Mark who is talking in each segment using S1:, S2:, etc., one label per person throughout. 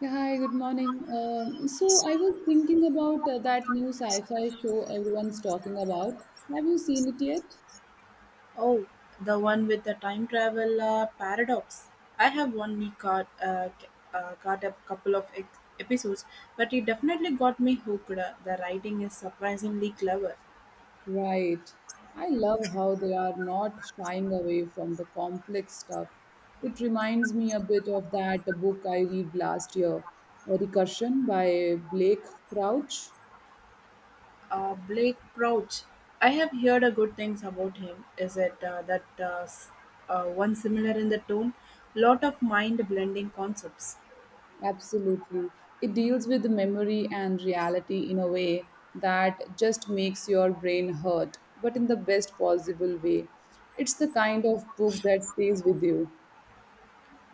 S1: Yeah, hi, good morning. So I was thinking about that new sci-fi show everyone's talking about. Have you seen it yet?
S2: Oh, the one with the time travel paradox. I have only caught a couple of episodes, but it definitely got me hooked. The writing is surprisingly clever.
S1: Right. I love how they are not shying away from the complex stuff. It reminds me a bit of that book I read last year, Recursion by Blake Crouch.
S2: Blake Crouch. I have heard good things about him. Is it one similar in the tone? Lot of mind blending concepts.
S1: Absolutely. It deals with the memory and reality in a way that just makes your brain hurt, but in the best possible way. It's the kind of book that stays with you.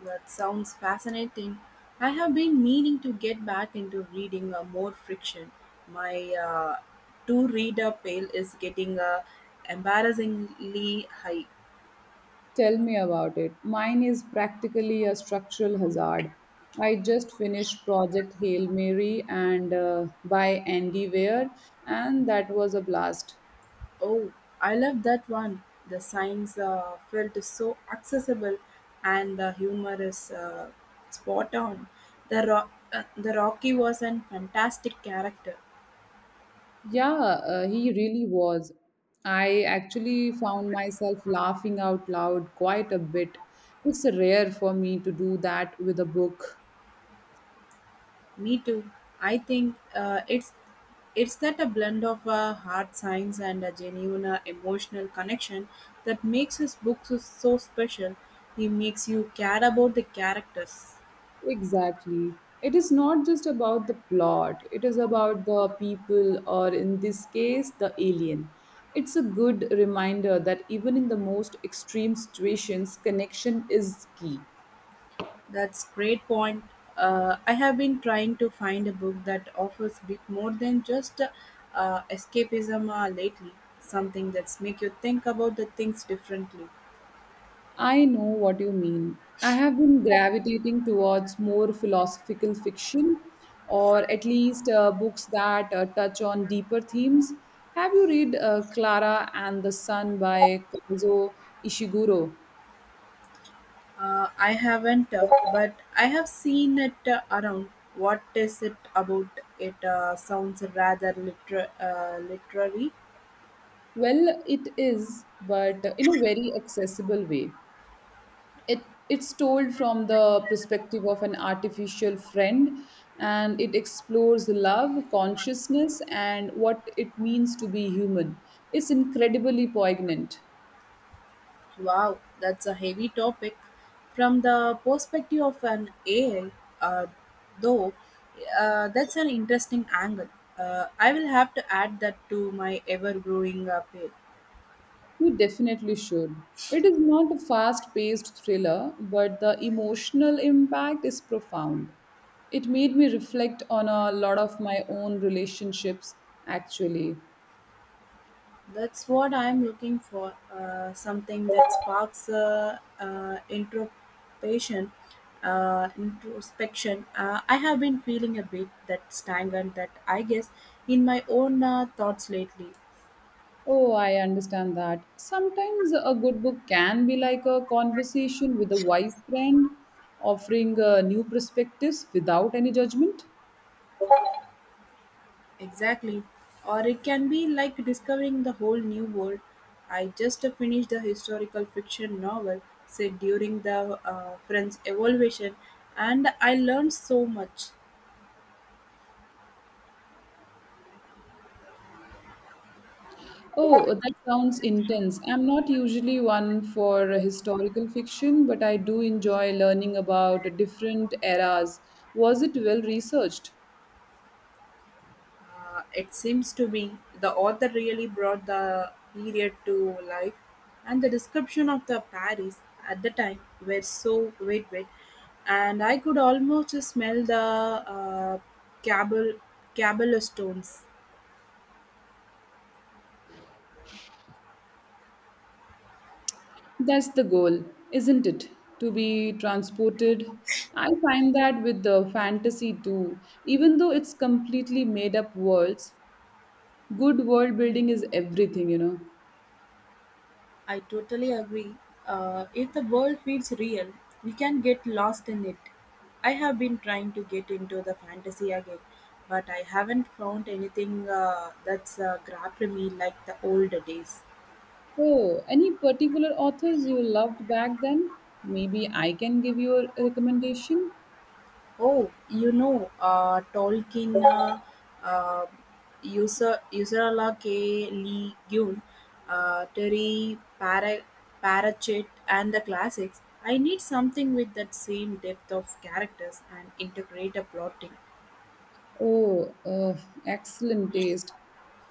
S2: That sounds fascinating. I have been meaning to get back into reading more fiction. My two reader pile is getting embarrassingly high.
S1: Tell me about it. Mine is practically a structural hazard. I just finished Project Hail Mary and by Andy Weir, and that was a blast.
S2: Oh, I love that one. The science felt so accessible and the humor is spot on. The Rocky was a fantastic character.
S1: Yeah, he really was. I actually found myself laughing out loud quite a bit. It's rare for me to do that with a book.
S2: Me too. I think it's that a blend of hard science and a genuine emotional connection that makes his books so special. He makes you care about the characters.
S1: Exactly. It is not just about the plot, it is about the people, or in this case, the alien. It's a good reminder that even in the most extreme situations, connection is key.
S2: That's great point. I have been trying to find a book that offers a bit more than just escapism lately. Something that's make you think about the things differently.
S1: I know what you mean. I have been gravitating towards more philosophical fiction, or at least books that touch on deeper themes. Have you read Clara and the Sun by Kazuo Ishiguro?
S2: I haven't, but I have seen it around. What is it about? It sounds rather literary.
S1: Well, it is, but in a very accessible way. it it's told from the perspective of an artificial friend, and it explores love, consciousness, and what it means to be human. It's incredibly poignant.
S2: Wow, that's a heavy topic. From the perspective of an AI, uh, though, that's an interesting angle. I will have to add that to my ever growing page.
S1: You definitely should. It is not a fast paced thriller, but the emotional impact is profound. It made me reflect on a lot of my own relationships, actually.
S2: That's what I'm looking for, something that sparks introspection. I have been feeling a bit that stagnant, that I guess, in my own thoughts lately.
S1: Oh, I understand that. Sometimes a good book can be like a conversation with a wise friend, offering new perspectives without any judgment.
S2: Exactly. Or it can be like discovering the whole new world. I just finished the historical fiction novel set during the French Evolution, and I learned so much.
S1: Oh, that sounds intense. I'm not usually one for historical fiction, but I do enjoy learning about different eras. Was it well researched?
S2: It seems to me the author really brought the period to life, and the description of the Paris at the time were so vivid, and I could almost smell the uh, cable cobblestones.
S1: That's the goal, isn't it? To be transported. I find that with the fantasy too, even though it's completely made up worlds, good world building is everything, you know.
S2: I totally agree. If the world feels real, we can get lost in it. I have been trying to get into the fantasy again, but I haven't found anything that's grabbed me like the old days.
S1: Oh, any particular authors you loved back then? Maybe I can give you a recommendation.
S2: Oh, you know, Tolkien, uh, Ursula K. Le Guin, Terry Pratchett, and the classics. I need something with that same depth of characters and integrated plotting.
S1: Oh, excellent taste.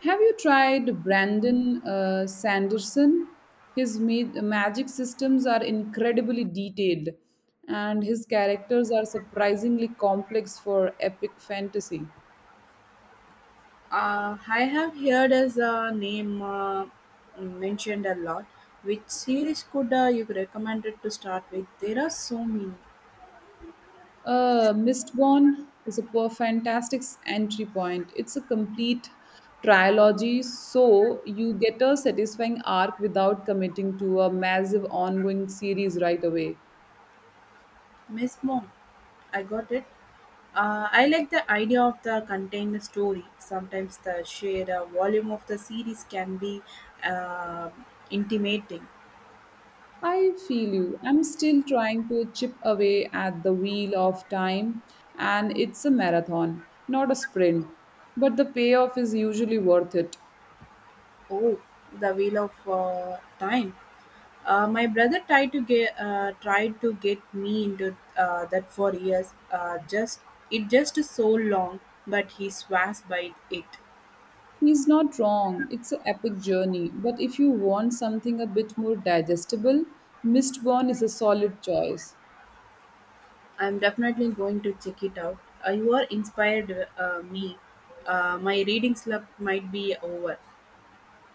S1: Have you tried Brandon Sanderson? His magic systems are incredibly detailed, and his characters are surprisingly complex for epic fantasy.
S2: I have heard as a name mentioned a lot. Which series could you recommend it to start with? There are so many.
S1: Mistborn is a fantastic entry point. It's a complete trilogy, so you get a satisfying arc without committing to a massive ongoing series right away.
S2: Miss Mom, I got it. I like the idea of the contained story. Sometimes the sheer volume of the series can be uh, intimating.
S1: I feel you. I'm still trying to chip away at the Wheel of Time, and it's a marathon, not a sprint. But the payoff is usually worth it.
S2: Oh, the Wheel of Time. My brother tried to get me into that for years. Just it just is so long, but he swears by it.
S1: He's not wrong. It's an epic journey. But if you want something a bit more digestible, Mistborn is a solid choice.
S2: I'm definitely going to check it out. You are inspired me. My reading slump might be over.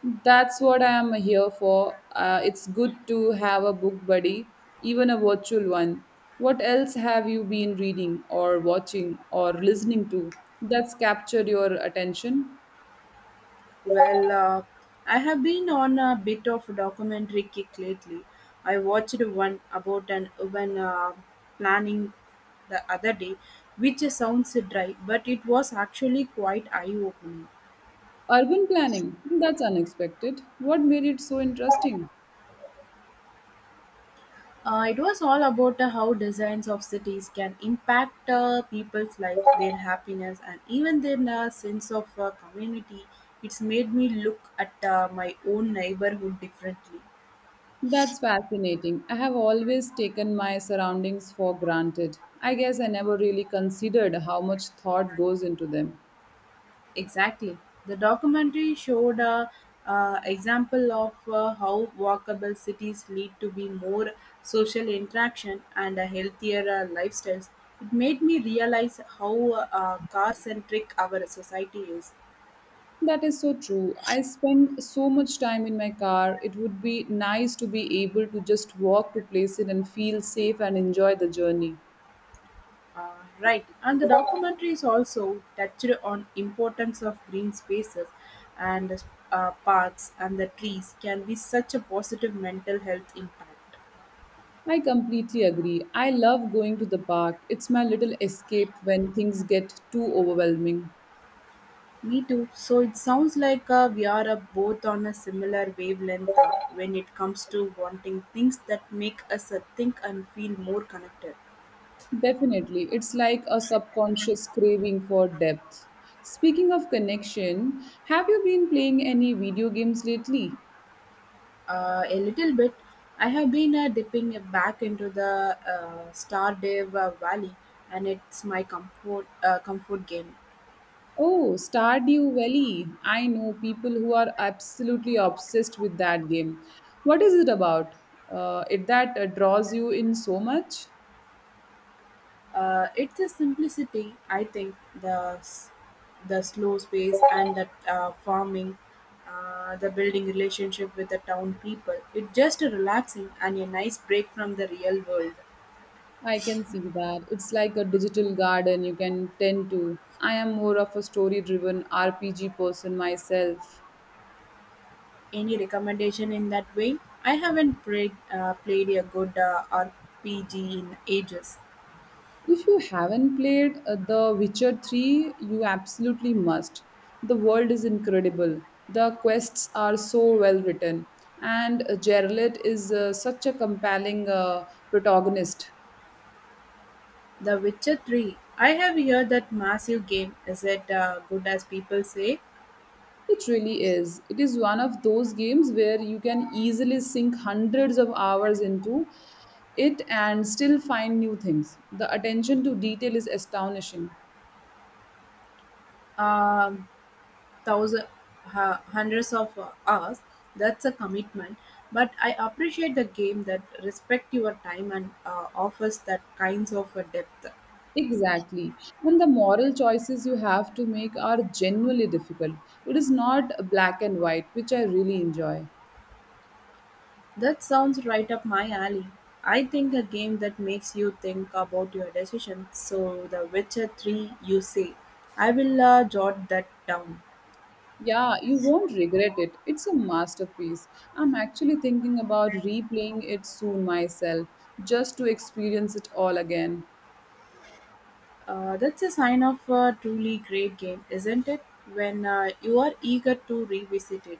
S1: That's what I am here for. It's good to have a book buddy, even a virtual one. What else have you been reading, or watching, or listening to that's captured your attention?
S2: Well, I have been on a bit of a documentary kick lately. I watched one about an urban planning the other day, which sounds dry, but it was actually quite eye opening.
S1: Urban planning. That's unexpected. What made it so interesting?
S2: It was all about how designs of cities can impact people's life, their happiness, and even their sense of community. It's made me look at my own neighborhood differently.
S1: That's fascinating. I have always taken my surroundings for granted. I guess I never really considered how much thought goes into them.
S2: Exactly. The documentary showed a example of how walkable cities lead to be more social interaction and a healthier lifestyles. It made me realize how car centric our society is.
S1: That is so true. I spend so much time in my car. It would be nice to be able to just walk to places and feel safe and enjoy the journey.
S2: Uh, Right, and the documentary is also touched on importance of green spaces and parks and the trees can be such a positive mental health impact.
S1: I completely agree. I love going to the park. It's my little escape when things get too overwhelming.
S2: Me too. So it sounds like we are both on a similar wavelength when it comes to wanting things that make us think and feel more connected.
S1: Definitely. It's like a subconscious craving for depth. Speaking of connection, have you been playing any video games lately?
S2: A little bit. I have been dipping back into the Stardew Valley, and it's my comfort game.
S1: Oh, Stardew Valley. I know people who are absolutely obsessed with that game. What is it about? It that draws you in so much?
S2: It's the simplicity, I think, the the slow space and the farming, the building relationship with the town people. It's just a relaxing and a nice break from the real world.
S1: I can see that. It's like a digital garden you can tend to. I am more of a story driven RPG person myself.
S2: Any recommendation in that way? I haven't played a good RPG in ages.
S1: If you haven't played The Witcher 3, you absolutely must. The world is incredible. The quests are so well written. And Geralt is such a compelling protagonist.
S2: The Witcher 3. I have heard that massive game. Is it good as people say?
S1: It really is. It is one of those games where you can easily sink hundreds of hours into it and still find new things. The attention to detail is astonishing.
S2: Um thousands, Hundreds of hours. That's a commitment. But I appreciate the game that respect your time and offers that kinds of depth.
S1: Exactly. And the moral choices you have to make are genuinely difficult. It is not black and white, which I really enjoy.
S2: That sounds right up my alley. I think a game that makes you think about your decisions. So, The Witcher 3, you say. I will jot that down.
S1: Yeah, you won't regret it. It's a masterpiece. I'm actually thinking about replaying it soon myself, just to experience it all again.
S2: That's a sign of a truly great game, isn't it? When you are eager to revisit it.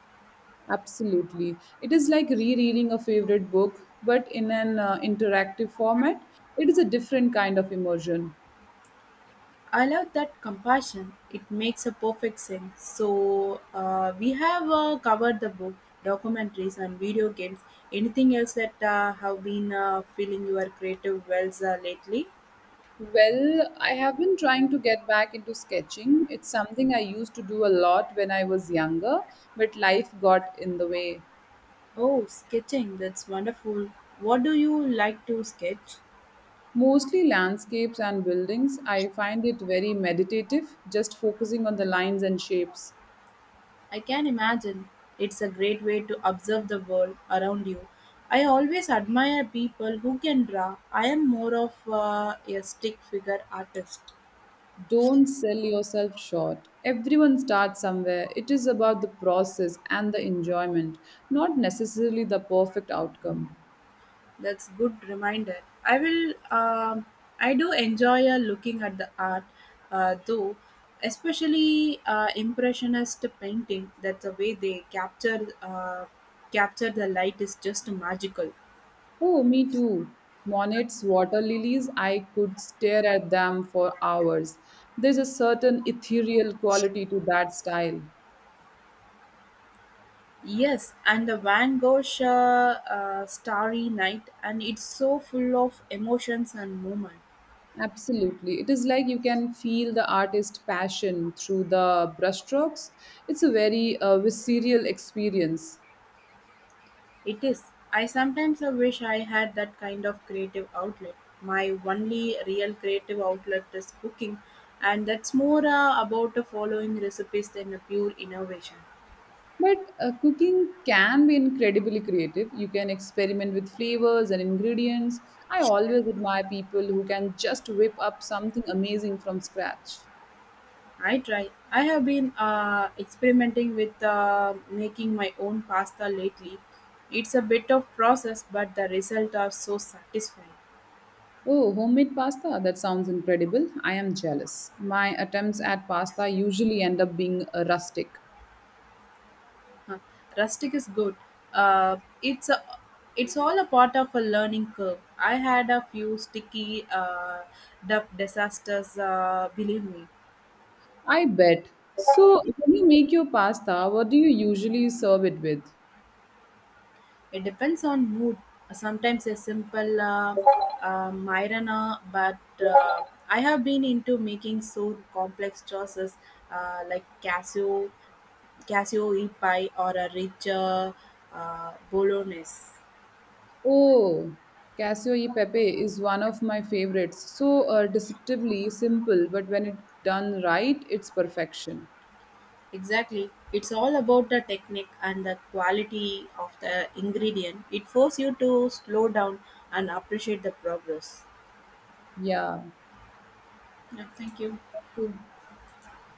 S1: Absolutely. It is like rereading a favorite book, but in an interactive format. It is a different kind of immersion.
S2: I love that compassion. It makes a perfect sense. So we have covered the book, documentaries, and video games. Anything else that have been filling your creative wells lately?
S1: Well, I have been trying to get back into sketching. It's something I used to do a lot when I was younger, but life got in the way.
S2: Oh, sketching. That's wonderful. What do you like to sketch?
S1: Mostly landscapes and buildings. I find it very meditative, just focusing on the lines and shapes.
S2: I can imagine. It's a great way to observe the world around you. I always admire people who can draw. I am more of a stick figure artist.
S1: Don't sell yourself short. Everyone starts somewhere. It is about the process and the enjoyment, not necessarily the perfect outcome.
S2: That's good reminder. I will. I do enjoy looking at the art, uh, though, especially impressionist painting. That's the way they capture the light is just magical.
S1: Oh, me too. Monet's water lilies, I could stare at them for hours. There's a certain ethereal quality to that style.
S2: Yes, and the Van Gogh Starry Night, and it's so full of emotions and movement.
S1: Absolutely. It is like you can feel the artist's passion through the brushstrokes. It's a very visceral experience.
S2: It is. I sometimes wish I had that kind of creative outlet. My only real creative outlet is cooking, and that's more about following recipes than a pure innovation.
S1: But cooking can be incredibly creative. You can experiment with flavors and ingredients. I always admire people who can just whip up something amazing from scratch.
S2: I try. I have been experimenting with making my own pasta lately. It's a bit of process, but the results are so satisfying.
S1: Oh, homemade pasta? That sounds incredible. I am jealous. My attempts at pasta usually end up being rustic.
S2: Huh. Rustic is good. Uh, it's a, it's all a part of a learning curve. I had a few sticky duff disasters. Believe me,
S1: I bet. So, when you make your pasta, what do you usually serve it with?
S2: it depends on mood. Sometimes a simple Myrana, but uh, I have been into making so complex choices uh, like cashew, cashew e pie or a rich bolognese.
S1: Oh, Casio e Pepe is one of my favorites. So deceptively simple, but when it done right, it's perfection.
S2: Exactly. It's all about the technique and the quality of the ingredient. It forces you to slow down and appreciate the progress.
S1: Yeah.
S2: Yeah, thank you.